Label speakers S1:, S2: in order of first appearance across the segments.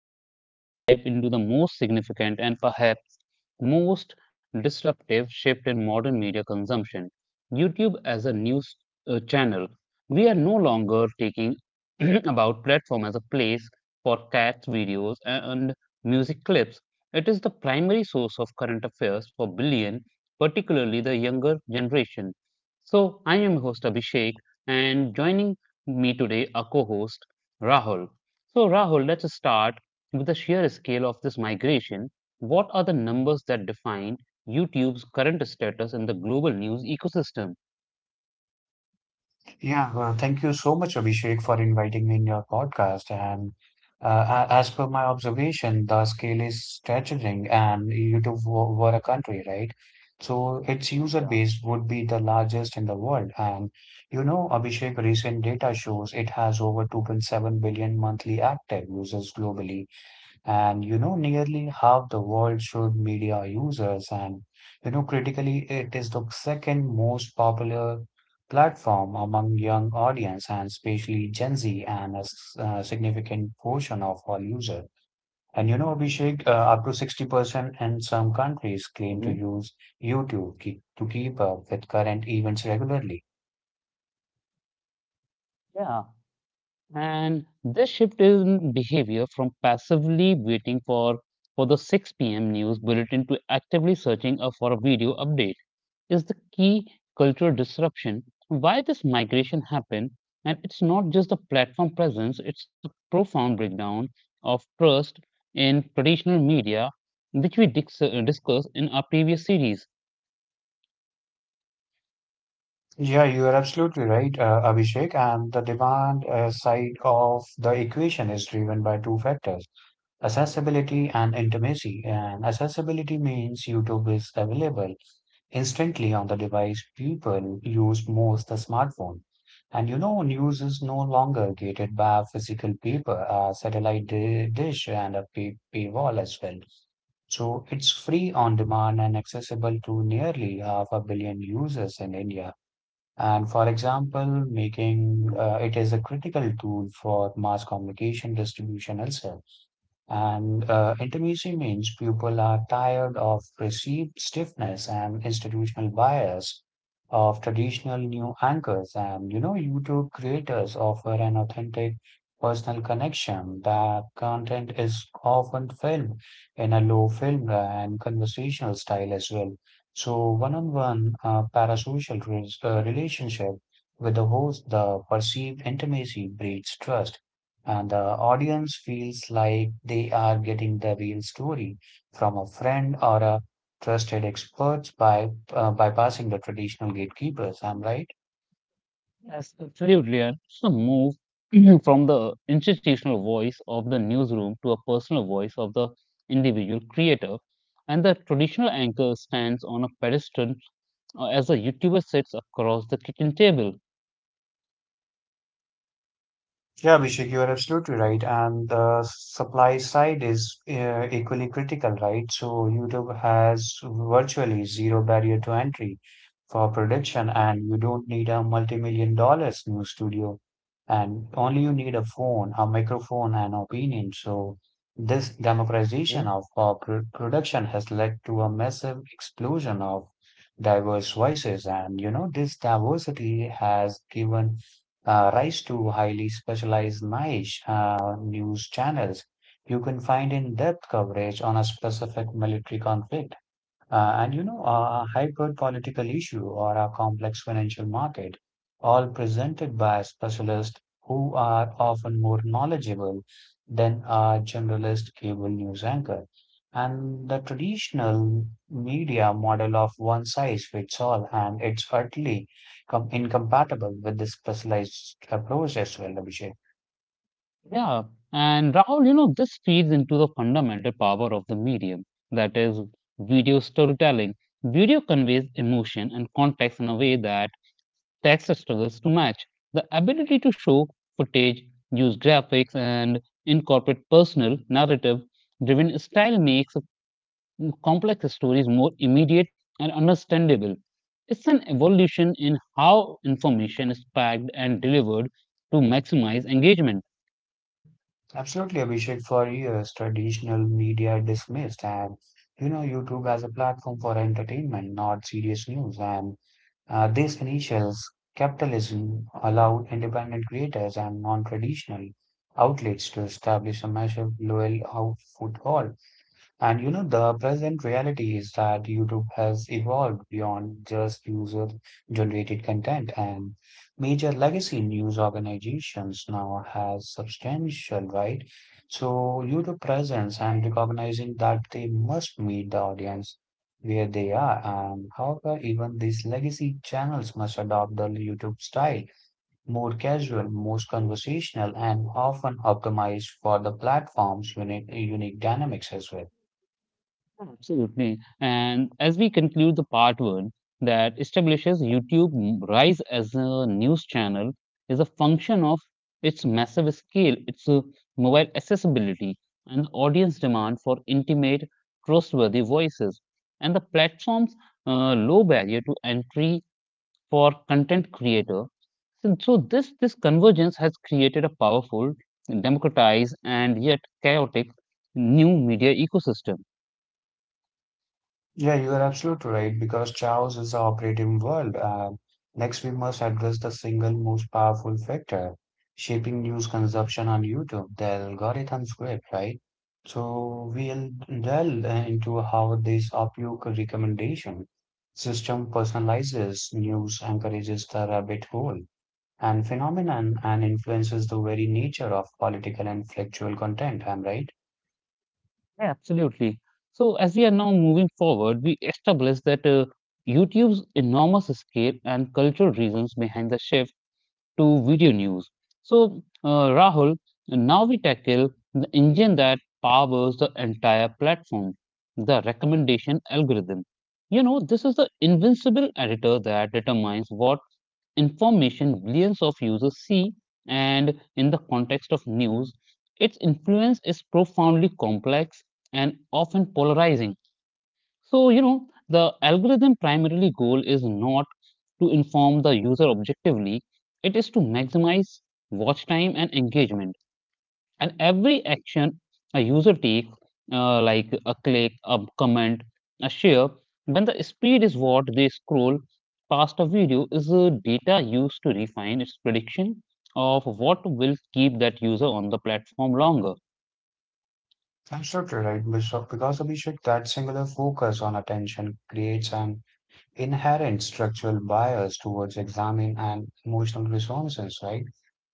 S1: to Deep Dive into the most significant and perhaps most disruptive shift in modern media consumption, YouTube as a news channel. We are no longer taking about platform as a place for cats videos and music clips. It is the primary source of current affairs for billion, particularly the younger generation. So I am your host Abhishek, and joining me today are co-host Rahul. So, Rahul, let's start with the sheer scale of this migration. What are the numbers that define YouTube's current status in the global news ecosystem?
S2: Yeah, well, thank you so much, Abhishek, for inviting me in your podcast. And as per my observation, the scale is staggering, and YouTube were a country, right? So its user
S1: Yeah.
S2: base would be the largest in the world. And you know, Abhishek, recent data shows it has over 2.7 billion monthly active users globally, and you know, nearly half the world's showed media users, and you know, critically, it is the second most popular platform among young audience and especially Gen Z and a significant portion of all users. And you know, Abhishek, up to 60% in some countries
S1: Hmm.
S2: claim to use YouTube to keep up with current events regularly.
S1: Yeah. And this shift in behavior from passively waiting for the 6 p.m. news bulletin to actively searching for a video update is the key cultural disruption why this migration happened, and it's not just the platform presence, it's a profound breakdown of trust in traditional media, which we discussed in our previous series.
S2: Yeah, you are absolutely right, Abhishek. And the demand side of the equation is driven by two factors. Accessibility and intimacy. And accessibility means YouTube is available instantly on the device people use most, the smartphone. And you know, news is no longer gated by a physical paper, a satellite dish, and a pay paywall as well. So it's free on demand and accessible to nearly half a billion users in India. And for example, making it is a critical tool for mass communication distribution itself. And intimacy means people are tired of perceived stiffness and institutional bias of traditional new anchors. And you know, YouTube creators offer an authentic personal connection. That content is often filmed in a low film and conversational style as well. So, one-on-one parasocial relationship with the host, the perceived intimacy breeds trust and the audience feels like they are getting the real story from a friend or a trusted expert by bypassing the traditional gatekeepers. I'm right.
S1: Yes, absolutely. And it's the move from the institutional voice of the newsroom to a personal voice of the individual creator, and the traditional anchor stands on a pedestal, as a youtuber sits across the kitchen table.
S2: Yeah, Abhishek, you are absolutely right. And the supply side is equally critical, right? So YouTube has virtually zero barrier to entry for production, and you don't need a multi-million dollar new studio, and only you need a phone, a microphone, and opinion. So this
S1: Hmm?
S2: democratization of production has led to a massive explosion of diverse voices, and you know this diversity has given rise to highly specialized niche news channels. You can find in-depth coverage on a specific military conflict. And you know, a hyper political issue or a complex financial market, all presented by specialists who are often more knowledgeable than a generalist cable news anchor. And the traditional media model of one size fits all, and it's utterly incompatible with this specialized approach as well, Abhishek.
S1: Yeah, and Rahul, you know, this feeds into the fundamental power of the medium, that is video storytelling. Video conveys emotion and context in a way that text struggles to match. The ability to show footage, use graphics, and incorporate personal narrative driven style makes complex stories more immediate and understandable. It's an evolution in how information is packed and delivered to maximize engagement.
S2: Absolutely, Abhishek. For years, traditional media dismissed and you know YouTube as a platform for entertainment, not serious news. And this initials capitalism allowed independent creators and non-traditional outlets to establish a massive loyal out foothold. And you know, the present reality is that YouTube has evolved beyond just user-generated content, and major legacy news organizations now has substantial, right? So YouTube presence and recognizing that they must meet the audience where they are, and however, even these legacy channels must adopt the YouTube style, more casual, most conversational, and often optimized for the platform's unique dynamics as well.
S1: Absolutely. And as we conclude, the part one that establishes YouTube rise as a news channel is a function of its massive scale, its mobile accessibility, and the audience demand for intimate, trustworthy voices, and the platform's low barrier to entry for content creator. So this convergence has created a powerful, democratized, and yet chaotic new media ecosystem.
S2: Yeah, you are absolutely right because chaos is the operating world. Next, we must address the single most powerful factor shaping news consumption on YouTube, the algorithm script, right? So, we'll delve into how this OPUC recommendation system personalizes news, encourages the rabbit hole and phenomenon, and influences the very nature of political and factual content. I'm right.
S1: Yeah, absolutely. So as we are now moving forward, we establish that YouTube's enormous scale and cultural reasons behind the shift to video news. So, Rahul, now we tackle the engine that powers the entire platform, the recommendation algorithm. You know, this is the invincible editor that determines what information billions of users see, and in the context of news, its influence is profoundly complex and often polarizing. So, you know, the algorithm primarily goal is not to inform the user objectively, it is to maximize watch time and engagement. And every action a user takes, like a click, a comment, a share, when the speed is what they scroll past a video, is data used to refine its prediction of what will keep that user on the platform longer.
S2: Absolutely right, Bishop, because Abhishek, that singular focus on attention creates an inherent structural bias towards examine and emotional resonances, right?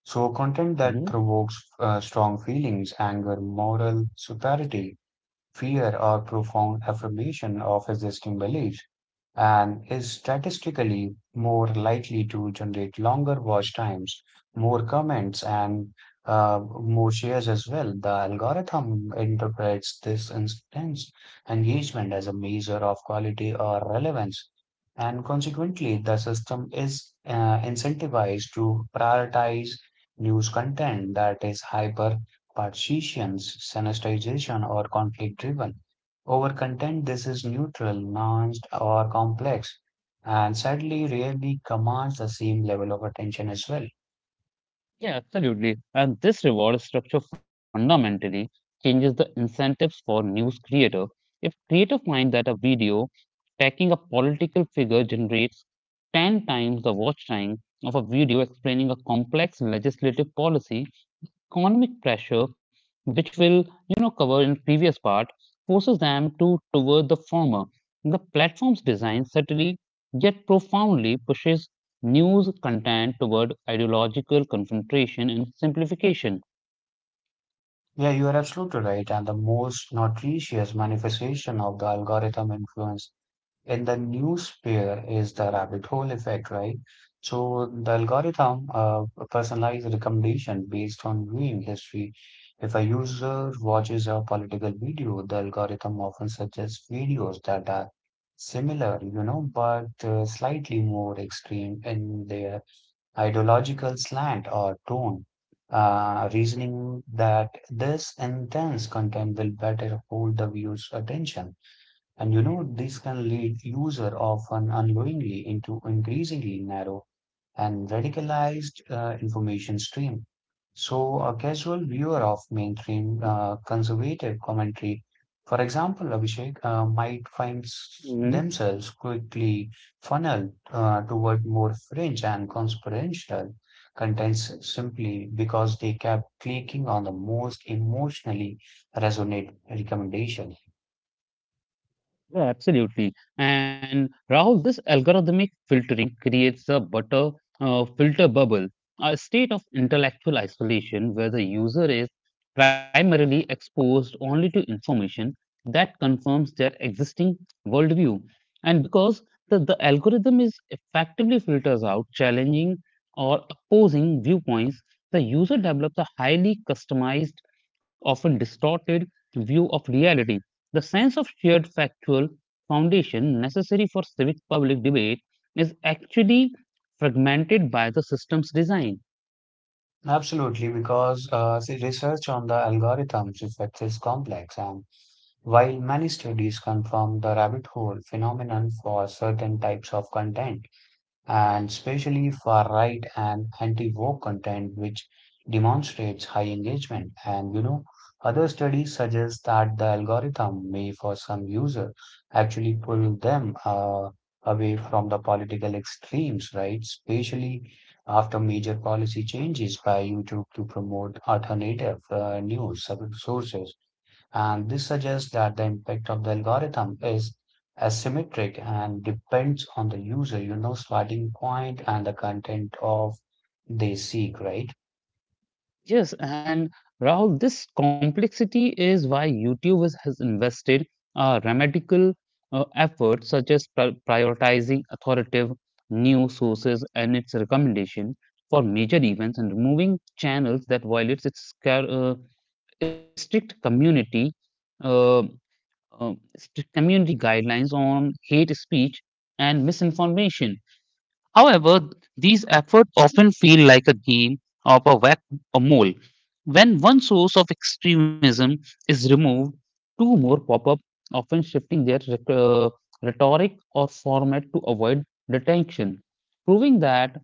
S2: So, content that provokes strong feelings, anger, moral superiority, fear or profound affirmation of existing beliefs and is statistically more likely to generate longer watch times, more comments, and more shares as well. The algorithm interprets this instance engagement as a measure of quality or relevance, and consequently, the system is incentivized to prioritize news content that is hyper Partition's, sanitization or conflict driven. Over content, this is neutral, nuanced, or complex, and sadly rarely commands the same level of attention as well.
S1: Yeah, absolutely. And this reward structure fundamentally changes the incentives for news creator. If creator find that a video attacking a political figure generates 10 times the watch time of a video explaining a complex legislative policy, economic pressure, which will, you know, cover in previous part, forces them to toward the former. The platform's design subtly yet profoundly pushes news content toward ideological confrontation and simplification.
S2: Yeah, you are absolutely right. And the most notorious manifestation of the algorithm influence in the new sphere, is the rabbit hole effect, right? So the algorithm personalized recommendation based on viewing history. If a user watches a political video, the algorithm often suggests videos that are similar, you know, but slightly more extreme in their ideological slant or tone. Reasoning that this intense content will better hold the viewer's attention. And you know, this can lead user often unknowingly into increasingly narrow and radicalized information stream. So a casual viewer of mainstream conservative commentary, for example, Abhishek, might find themselves quickly funneled toward more fringe and conspiratorial contents simply because they kept clicking on the most emotionally resonant recommendation.
S1: Yeah, absolutely. And Rahul, this algorithmic filtering creates a butter filter bubble, a state of intellectual isolation where the user is primarily exposed only to information that confirms their existing worldview. And because the algorithm is effectively filters out challenging or opposing viewpoints, the user develops a highly customized, often distorted view of reality. The sense of shared factual foundation necessary for civic public debate is actually fragmented by the system's design.
S2: Absolutely, because the research on the algorithms effects is complex, and while many studies confirm the rabbit hole phenomenon for certain types of content, and especially far-right and anti-woke content, which demonstrates high engagement. And you know, other studies suggest that the algorithm may, for some users, actually pull them away from the political extremes, right? Especially after major policy changes by YouTube to promote alternative news sources and this suggests that the impact of the algorithm is asymmetric and depends on the user, you know, starting point and the content of they seek, right?
S1: Yes, and Rahul, this complexity is why YouTube has invested a radical effort such as prioritizing authoritative news sources and its recommendation for major events, and removing channels that violates its strict community uh, strict community guidelines on hate speech and misinformation. However, these efforts often feel like a game of a whack a mole. When one source of extremism is removed, two more pop up, often shifting their rhetoric or format to avoid detection, proving that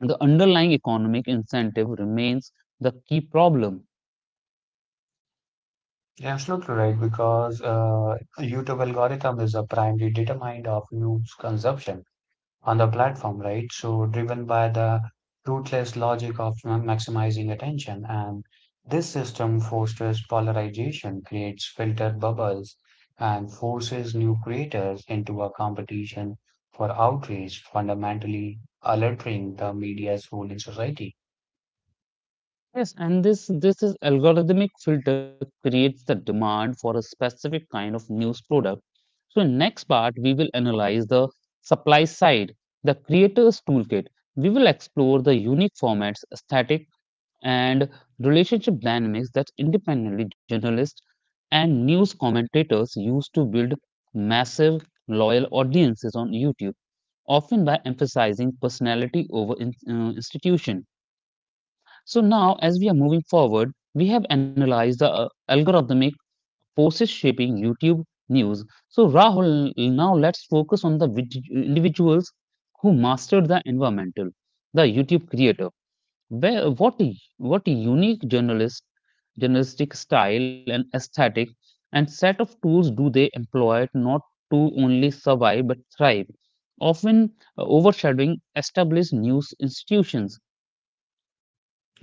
S1: the underlying economic incentive remains the key problem.
S2: Yeah, absolutely right, because YouTube algorithm is a primarily determined of news consumption on the platform, right? So driven by the ruthless logic of maximizing attention, and this system fosters polarization, creates filter bubbles, and forces new creators into a competition for outrage, fundamentally altering the media's role in society.
S1: Yes, and this is algorithmic filter creates the demand for a specific kind of news product. So in next part we will analyze the supply side, the creator's toolkit. We will explore the unique formats, aesthetic, and relationship dynamics that independently journalists and news commentators use to build massive loyal audiences on YouTube, often by emphasizing personality over institution. So now, as we are moving forward, we have analyzed the algorithmic forces shaping YouTube news. So Rahul, now let's focus on the individuals who mastered the environmental, the YouTube creator. Where what unique journalistic style and aesthetic and set of tools do they employ not to only survive but thrive, often overshadowing established news institutions.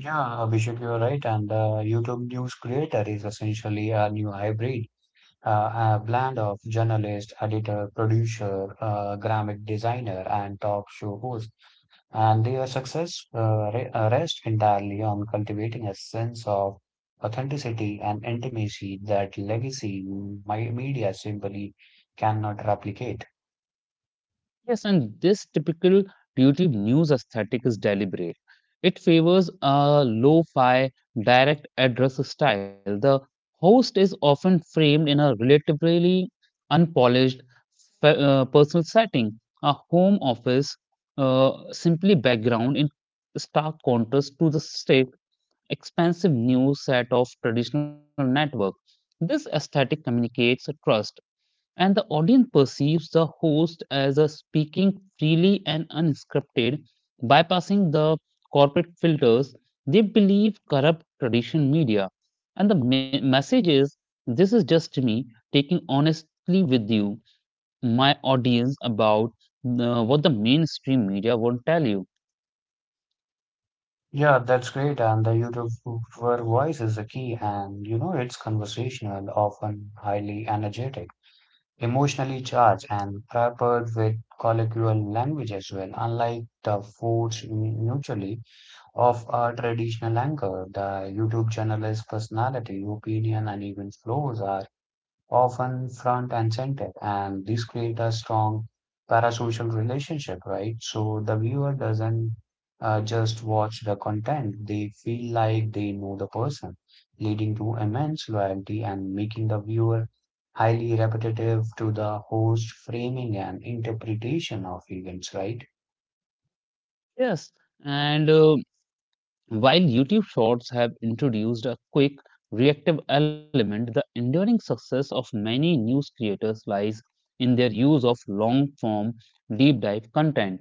S2: Yeah, Abhishek, you're right, and the YouTube news creator is essentially a new hybrid uh, a blend of journalist, editor, producer, graphic designer, and talk show host. And their success rests entirely on cultivating a sense of authenticity and intimacy that legacy my media simply cannot replicate.
S1: Yes, and this typical YouTube news aesthetic is deliberate. It favors a lo-fi, direct address style. The host is often framed in a relatively unpolished personal setting, a home office, uh, simply background, in stark contrast to the stiff, expensive news set of traditional network. This aesthetic communicates a trust, and the audience perceives the host as a speaking freely and unscripted, bypassing the corporate filters they believe corrupt tradition media. And the message is, this is just me taking honestly with you, my audience, about what the mainstream media won't tell you.
S2: Yeah, that's great. And the YouTuber voice is the key, and you know, it's conversational, often highly energetic, emotionally charged and peppered with colloquial language as well. Unlike the forced neutrality of a traditional anchor, the YouTube journalist's personality, opinion, and even flaws are often front and center, and this create a strong parasocial relationship, right? So the viewer doesn't just watch the content, they feel like they know the person, leading to immense loyalty and making the viewer highly repetitive to the host framing and interpretation of events, right?
S1: Yes, and while YouTube Shorts have introduced a quick, reactive element, the enduring success of many news creators lies in their use of long form, deep dive content.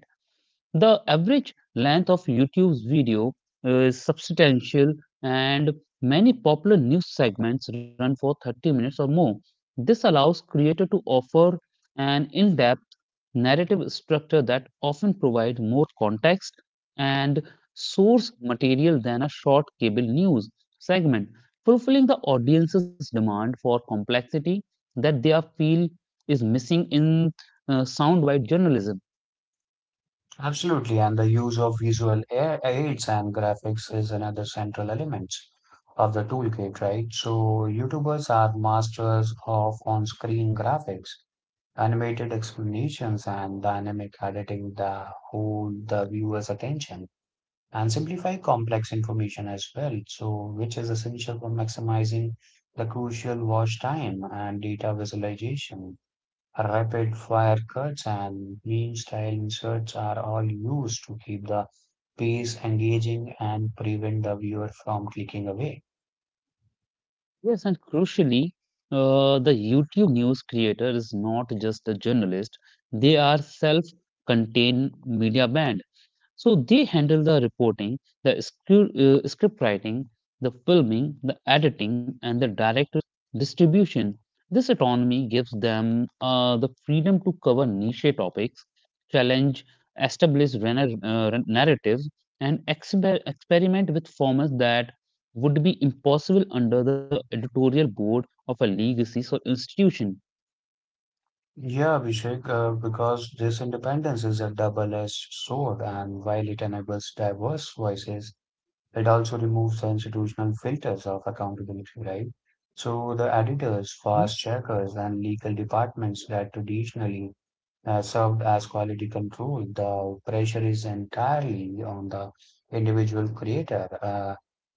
S1: The average length of YouTube's video is substantial, and many popular news segments run for 30 minutes or more. This allows creators to offer an in-depth narrative structure that often provide more context and source material than a short cable news segment, fulfilling the audience's demand for complexity that they are feel is missing in soundbite journalism.
S2: Absolutely, and the use of visual aids and graphics is another central element of the toolkit, right? So, YouTubers are masters of on-screen graphics, animated explanations, and dynamic editing that hold the viewer's attention and simplify complex information as well. So, which is essential for maximizing the crucial watch time and data visualization. Rapid fire cuts and beam style inserts are all used to keep the pace engaging and prevent the viewer from clicking away.
S1: Yes, and crucially, the YouTube news creator is not just a journalist, they are self contained media band. So they handle the reporting, the script writing, the filming, the editing, and the direct distribution. This autonomy gives them the freedom to cover niche topics, challenge established narratives, and experiment with formats that would be impossible under the editorial board of a legacy or institution.
S2: Yeah, Abhishek, because this independence is a double-edged sword, and while it enables diverse voices, it also removes the institutional filters of accountability, right? So the editors,
S1: Hmm?
S2: fast checkers, and legal departments that traditionally served as quality control, the pressure is entirely on the individual creator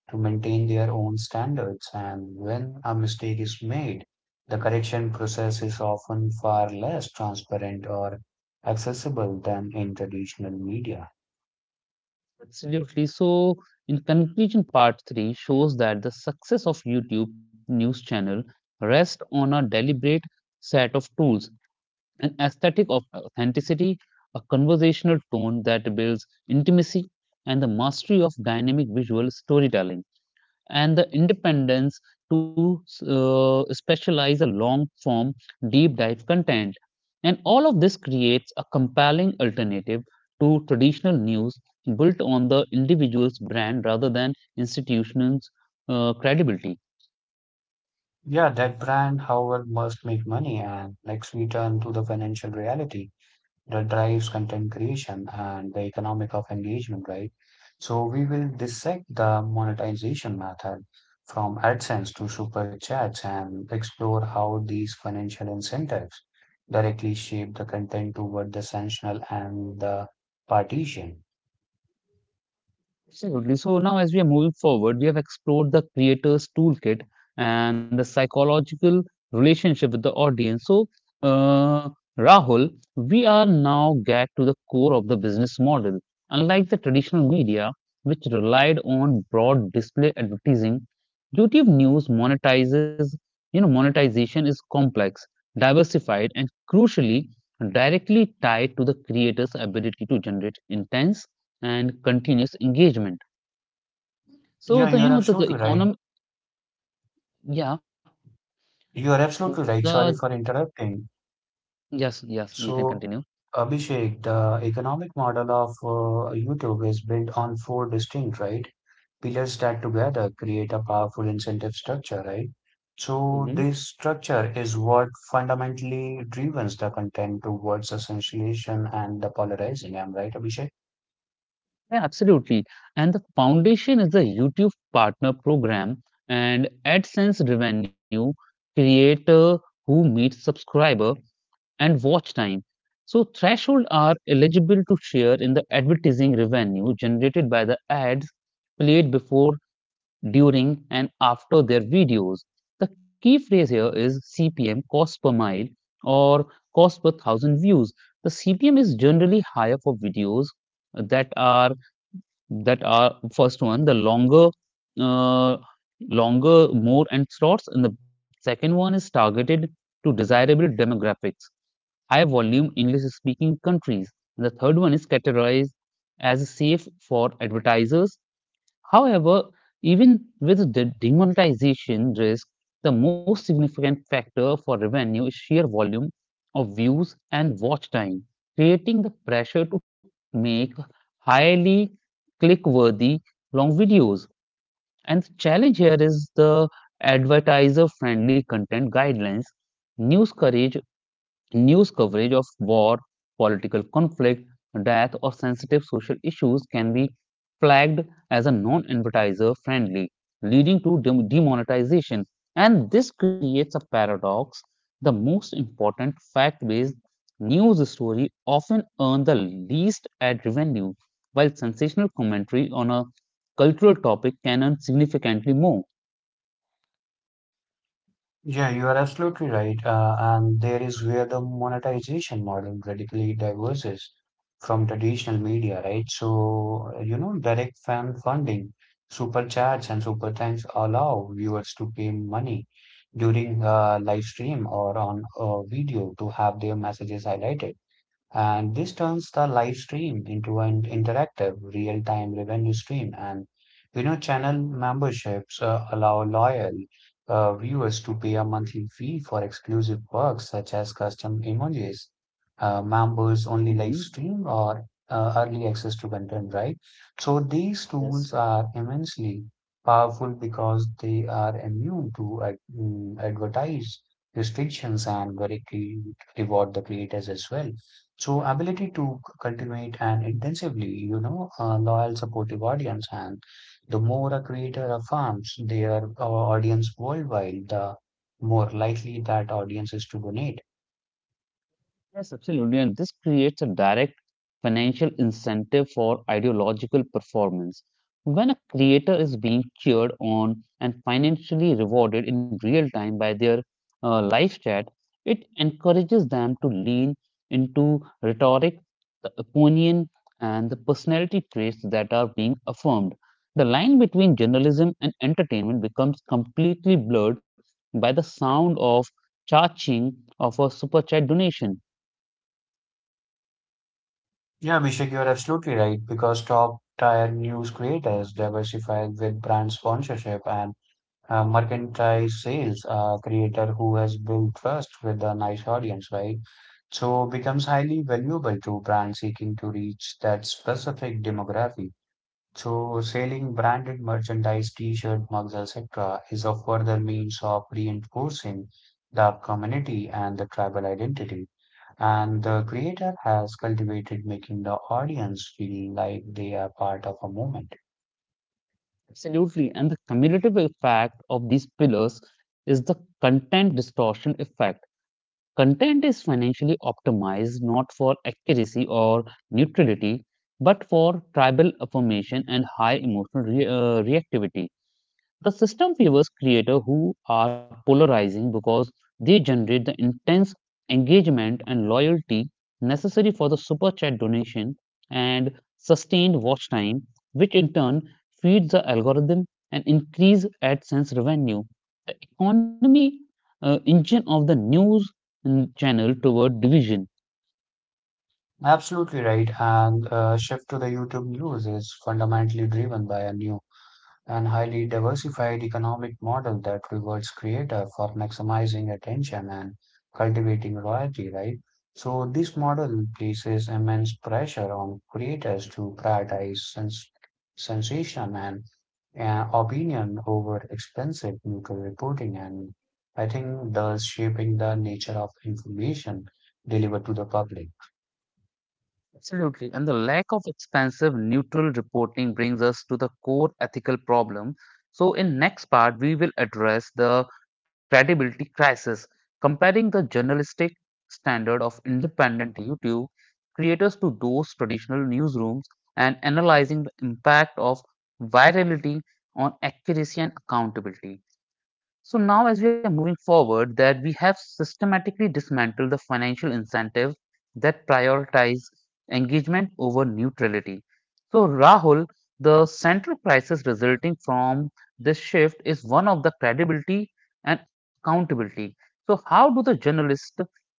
S2: to maintain their own standards. And when a mistake is made, the correction process is often far less transparent or accessible than in traditional media.
S1: Absolutely. So, in conclusion, part three shows that the success of YouTube news channel rests on a deliberate set of tools, an aesthetic of authenticity, a conversational tone that builds intimacy, and the mastery of dynamic visual storytelling, and the independence to specialize a long form deep dive content. And all of this creates a compelling alternative to traditional news, built on the individual's brand rather than institutions credibility.
S2: Yeah, that brand, however, must make money, and next we turn to the financial reality that drives content creation and the economic of engagement, right? So we will dissect the monetization method from AdSense to Super Chats and explore how these financial incentives directly shape the content toward the sanctional and the partition.
S1: Absolutely. So now, as we are moving forward, we have explored the creator's toolkit and the psychological relationship with the audience. So, uh, Rahul, we are now get to the core of the business model. Unlike the traditional media, which relied on broad display advertising, YouTube News monetizes. You know, monetization is complex, diversified, and crucially directly tied to the creator's ability to generate intense and continuous engagement. So
S2: Yeah,
S1: the
S2: you are
S1: you know the
S2: absolutely right.
S1: economy, yeah,
S2: You are absolutely right.
S1: the
S2: Sorry for interrupting.
S1: yes, yes, you can
S2: So,
S1: continue.
S2: Abhishek, the economic model of YouTube is built on four distinct, right, pillars that together create a powerful incentive structure, right? So,
S1: Mhm.
S2: this structure is what fundamentally drives the content towards essentiation and the polarizing. Am I right, Abhishek?
S1: Yeah, absolutely. And the foundation is the YouTube Partner Program and AdSense revenue, creator who meets subscriber, and watch time. So threshold are eligible to share in the advertising revenue generated by the ads played before, during and after their videos. The key phrase here is CPM, cost per mile, or cost per thousand views. The CPM is generally higher for videos that are that are first one the longer uh, more and slots, and the second one is targeted to desirable demographics, high volume english speaking countries, and the third one is categorized as safe for advertisers. However, even with the demonetization risk, the most significant factor for revenue is sheer volume of views and watch time, creating the pressure to make highly click-worthy long videos. And the challenge here is the advertiser-friendly content guidelines. news coverage News coverage of war, political conflict, death, or sensitive social issues can be flagged as a non advertiser friendly, leading to demonetization. And this creates a paradox. The most important fact based news story often earn the least ad revenue, while sensational commentary on a cultural topic can earn significantly more.
S2: Yeah, you are absolutely right. And there is where the monetization model radically diverges from traditional media, right? So, you know, direct fan funding, super chats, and super thanks allow viewers to pay money during a live stream or on a video to have their messages highlighted. And this turns the live stream into an interactive, real time revenue stream. And, you know, channel memberships allow loyal viewers to pay a monthly fee for exclusive perks such as custom emojis, members only live
S1: Mhm.
S2: stream, or early access to content, right? So these
S1: Yes.
S2: tools are immensely powerful because they are immune to advertise restrictions and very reward the creators as well. So ability to cultivate an intensively, a loyal, supportive audience, and the more a creator affirms their audience worldwide, the more likely that audience is to donate.
S1: Yes, absolutely. And this creates a direct financial incentive for ideological performance. When a creator is being cheered on and financially rewarded in real time by their live chat, it encourages them to lean into rhetoric, the opinion, and the personality traits that are being affirmed. The line between journalism and entertainment becomes completely blurred by the sound of charging of a super chat donation.
S2: Yeah, Abhishek, you're absolutely right because top tier news creators diversify with brand sponsorship and merchandise sales. A creator who has built trust with a nice audience, right? So becomes highly valuable to brands seeking to reach that specific demographic. So selling branded merchandise, t-shirt, mugs, etc., is a further means of reinforcing the community and the tribal identity. And the creator has cultivated making the audience feel like they are part of a movement.
S1: Absolutely. And the cumulative effect of these pillars is the content distortion effect. Content is financially optimized not for accuracy or neutrality, but for tribal affirmation and high emotional reactivity. The system favors creators who are polarizing because they generate the intense engagement and loyalty necessary for the super chat donation and sustained watch time, which in turn feeds the algorithm and increase AdSense revenue. Economy engine of the news channel toward division.
S2: Absolutely right. And shift to the YouTube news is fundamentally driven by a new and highly diversified economic model that rewards creator for maximizing attention and cultivating royalty, right? So this model places immense pressure on creators to prioritize sensation and opinion over expensive neutral reporting. And I think thus shaping the nature of information delivered to the public.
S1: Absolutely. And the lack of expansive neutral reporting brings us to the core ethical problem. So, in next part, we will address the credibility crisis, comparing the journalistic standard of independent YouTube creators to those traditional newsrooms and analyzing the impact of virality on accuracy and accountability. So now, as we are moving forward, that we have systematically dismantled the financial incentives that prioritize engagement over neutrality. So, Rahul, the central crisis resulting from this shift is one of the credibility and accountability. So, how do the journalist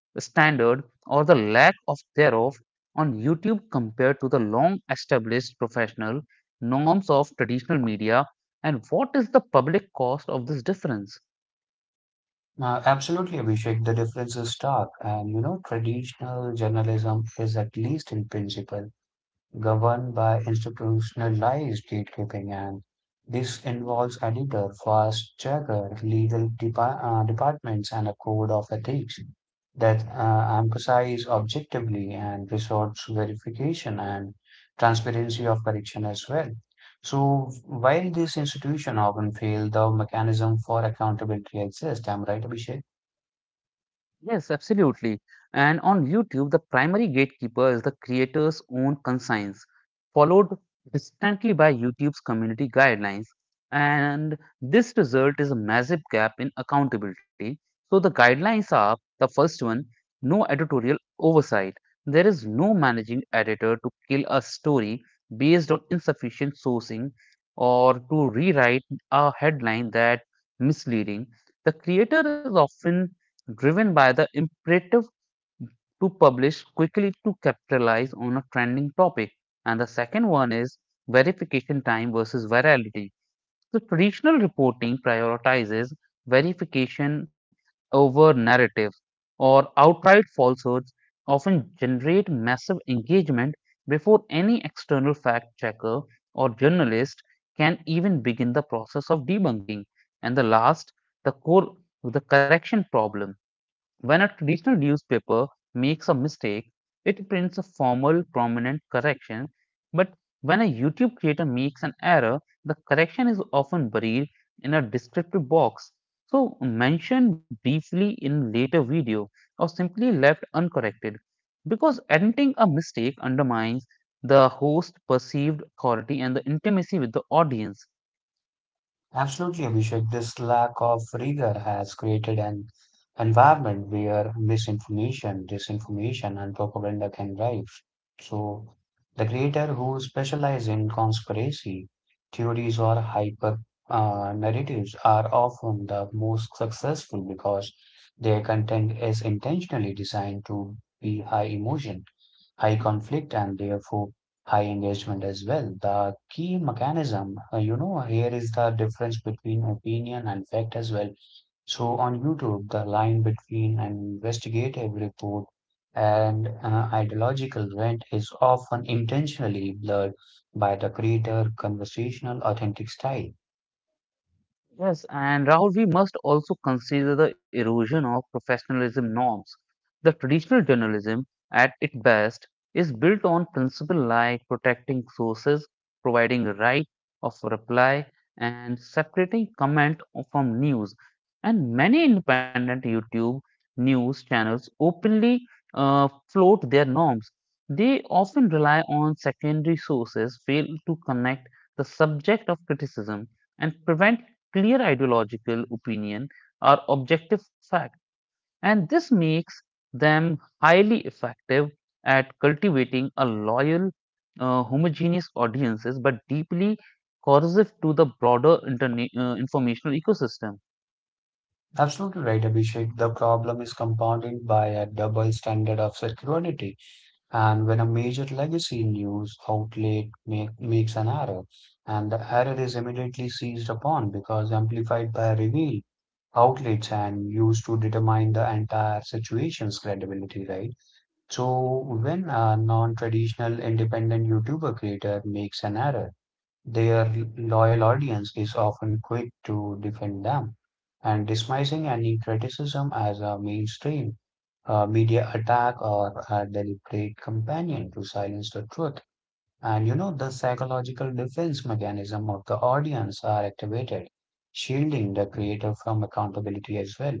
S1: standard or the lack of thereof on YouTube compare to the long established professional norms of traditional media, and what is the public cost of this difference?
S2: Absolutely, Abhishek. The difference is stark. And you know, traditional journalism is, at least in principle, governed by institutionalized gatekeeping, and this involves editor, fact checker, legal departments, and a code of ethics that emphasize objectively and resource verification and transparency of correction as well. So, while this institution often fail, the mechanism for accountability exists. I'm right, Abhishek?
S1: Yes, absolutely. And on YouTube, the primary gatekeeper is the creator's own conscience, followed distantly by YouTube's community guidelines. And this result is a massive gap in accountability. So the guidelines are the first one, no editorial oversight. There is no managing editor to kill a story based on insufficient sourcing or to rewrite a headline that misleading. The creator is often driven by the imperative to publish quickly to capitalize on a trending topic. And the second one is verification time versus virality. So, traditional reporting prioritizes verification over narrative or outright falsehoods often generate massive engagement before any external fact checker or journalist can even begin the process of debunking. And the last, the core, the correction problem. When a traditional newspaper makes a mistake, it prints a formal, prominent correction. But when a YouTube creator makes an error, the correction is often buried in a descriptive box, so mentioned briefly in later video or simply left uncorrected. Because admitting a mistake undermines the host's perceived authority and the intimacy with the audience.
S2: Absolutely, Abhishek. This lack of rigor has created an environment where misinformation, disinformation, and propaganda can thrive. So, the creator who specialize in conspiracy theories or hyper narratives are often the most successful because their content is intentionally designed to be high emotion, high conflict, and therefore high engagement as well. The key mechanism, here is the difference between opinion and fact as well. So on YouTube, the line between an investigative report and ideological rant is often intentionally blurred by the creator conversational authentic style.
S1: Yes, and Rahul, we must also consider the erosion of professionalism norms. The traditional journalism, at its best, is built on principles like protecting sources, providing right of reply, and separating comment from news. And many independent YouTube news channels openly float their norms. They often rely on secondary sources, fail to connect the subject of criticism, and prevent clear ideological opinion or objective fact, and this makes them highly effective at cultivating a loyal, homogeneous audiences, but deeply corrosive to the broader informational ecosystem.
S2: Absolutely right, Abhishek. The problem is compounded by a double standard of security. And when a major legacy news outlet makes an error, and the error is immediately seized upon because amplified by reveal outlets and used to determine the entire situation's credibility, right? So when a non-traditional independent YouTuber creator makes an error, their loyal audience is often quick to defend them and dismissing any criticism as a mainstream media attack or a deliberate companion to silence the truth. And you know, the psychological defense mechanism of the audience are activated, shielding the creator from accountability as well.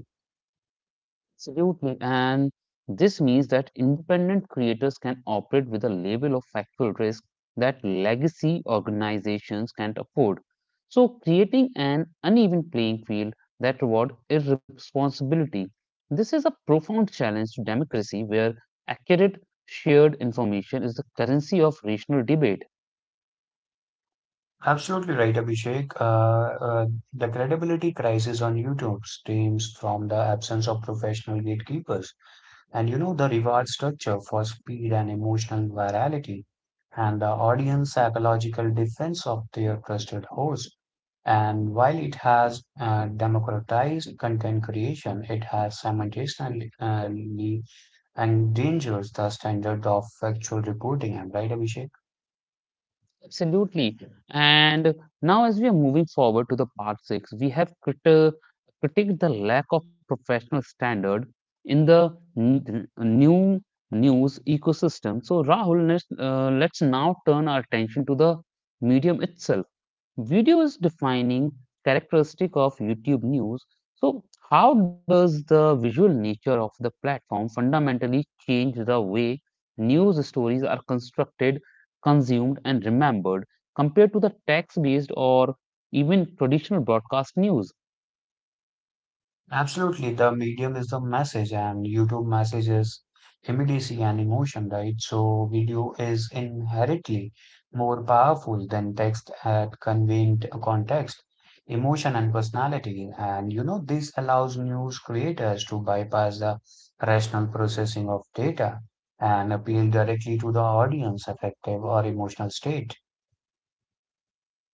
S1: Absolutely. And this means that independent creators can operate with a level of factual risk that legacy organizations can't afford. So, creating an uneven playing field that rewards irresponsibility. This is a profound challenge to democracy where accurate shared information is the currency of rational debate.
S2: Absolutely right, Abhishek. The credibility crisis on YouTube stems from the absence of professional gatekeepers. And you know the reward structure for speed and emotional virality, and the audience psychological defense of their trusted host. And while it has democratized content creation, it has simultaneously endangered the standard of factual reporting. Am I right, Abhishek?
S1: Absolutely. And now, as we are moving forward to the part six, we have critiqued the lack of professional standard in the new news ecosystem. So, Rahul, let's now turn our attention to the medium itself. Video is defining characteristic of YouTube News. So, how does the visual nature of the platform fundamentally change the way news stories are constructed, consumed, and remembered compared to the text-based or even traditional broadcast news?
S2: Absolutely, the medium is the message, and YouTube message is immediacy and emotion, right? So, video is inherently more powerful than text at conveying context, emotion, and personality. And you know, this allows news creators to bypass the rational processing of data and appeal directly to the audience affective or emotional state.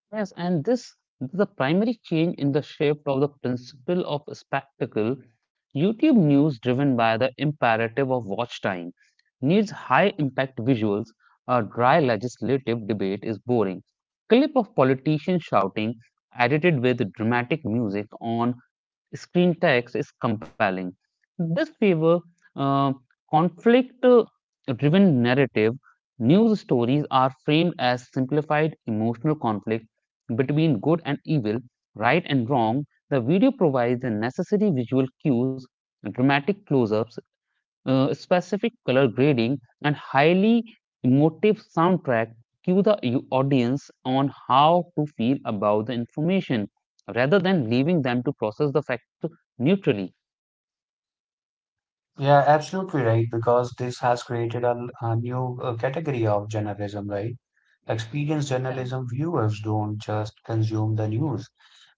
S1: Yes, and this is a primary change in the shape of the principle of spectacle. YouTube news, driven by the imperative of watch time, needs high impact visuals. A dry legislative debate is boring. Clip of politicians shouting, edited with dramatic music on screen text is compelling. This favor uh, conflict driven narrative. News stories are framed as simplified emotional conflict between good and evil, right and wrong. The video provides the necessary visual cues, dramatic close ups, specific color grading, and highly emotive soundtrack cue the audience on how to feel about the information rather than leaving them to process the fact neutrally.
S2: Yeah, absolutely right, because this has created a new category of journalism, right? Experienced
S1: Yeah,
S2: journalism viewers don't just consume the news,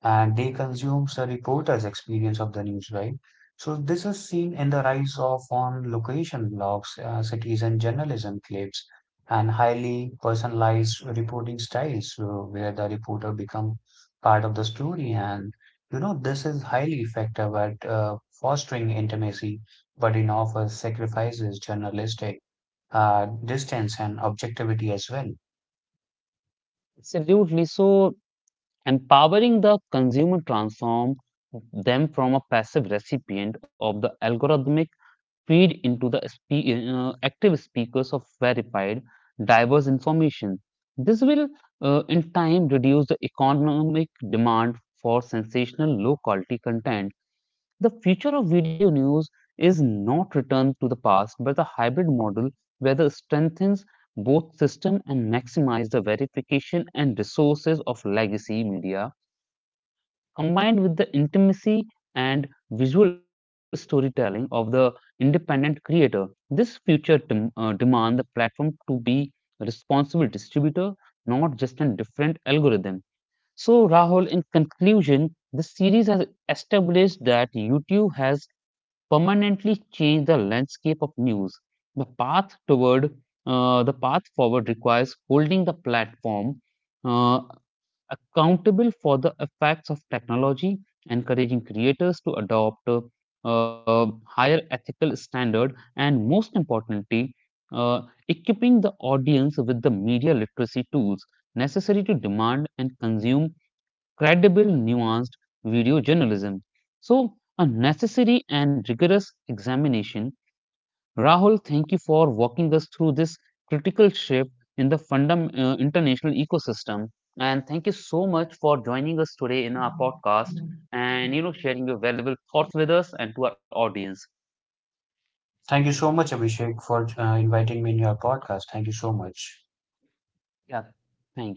S2: and they consume the reporter's experience of the news, right? So this is seen in the rise of on location blogs, citizen journalism clips, and highly personalized reporting styles, where the reporter become part of the story, and you know this is highly effective at fostering intimacy but in offers sacrifices journalistic distance and objectivity as well.
S1: absolutely. So, empowering the consumer transform them from a passive recipient of the algorithmic feed into the active speakers of verified, diverse information. This will, in time, reduce the economic demand for sensational, low quality content. The future of video news is not returned to the past, but the hybrid model where the strengthens both system and maximize the verification and resources of legacy media combined with the intimacy and visual storytelling of the independent creator. This future demand the platform to be a responsible distributor, not just a different algorithm. So, Rahul, in conclusion, this series has established that YouTube has permanently changed the landscape of news. The path toward the path forward requires holding the platform uh, accountable for the effects of technology, encouraging creators to adopt uh, higher ethical standard, and most importantly, uh, equipping the audience with the media literacy tools necessary to demand and consume credible, nuanced video journalism. So, a necessary and rigorous examination, Rahul, thank you for walking us through this critical shift in the fundam international ecosystem. And thank you so much for joining us today in our podcast and you know sharing your valuable thoughts with us and to our audience.
S2: Thank you so much, Abhishek, for inviting me in your podcast. Thank you so much.
S1: Yeah, thank you.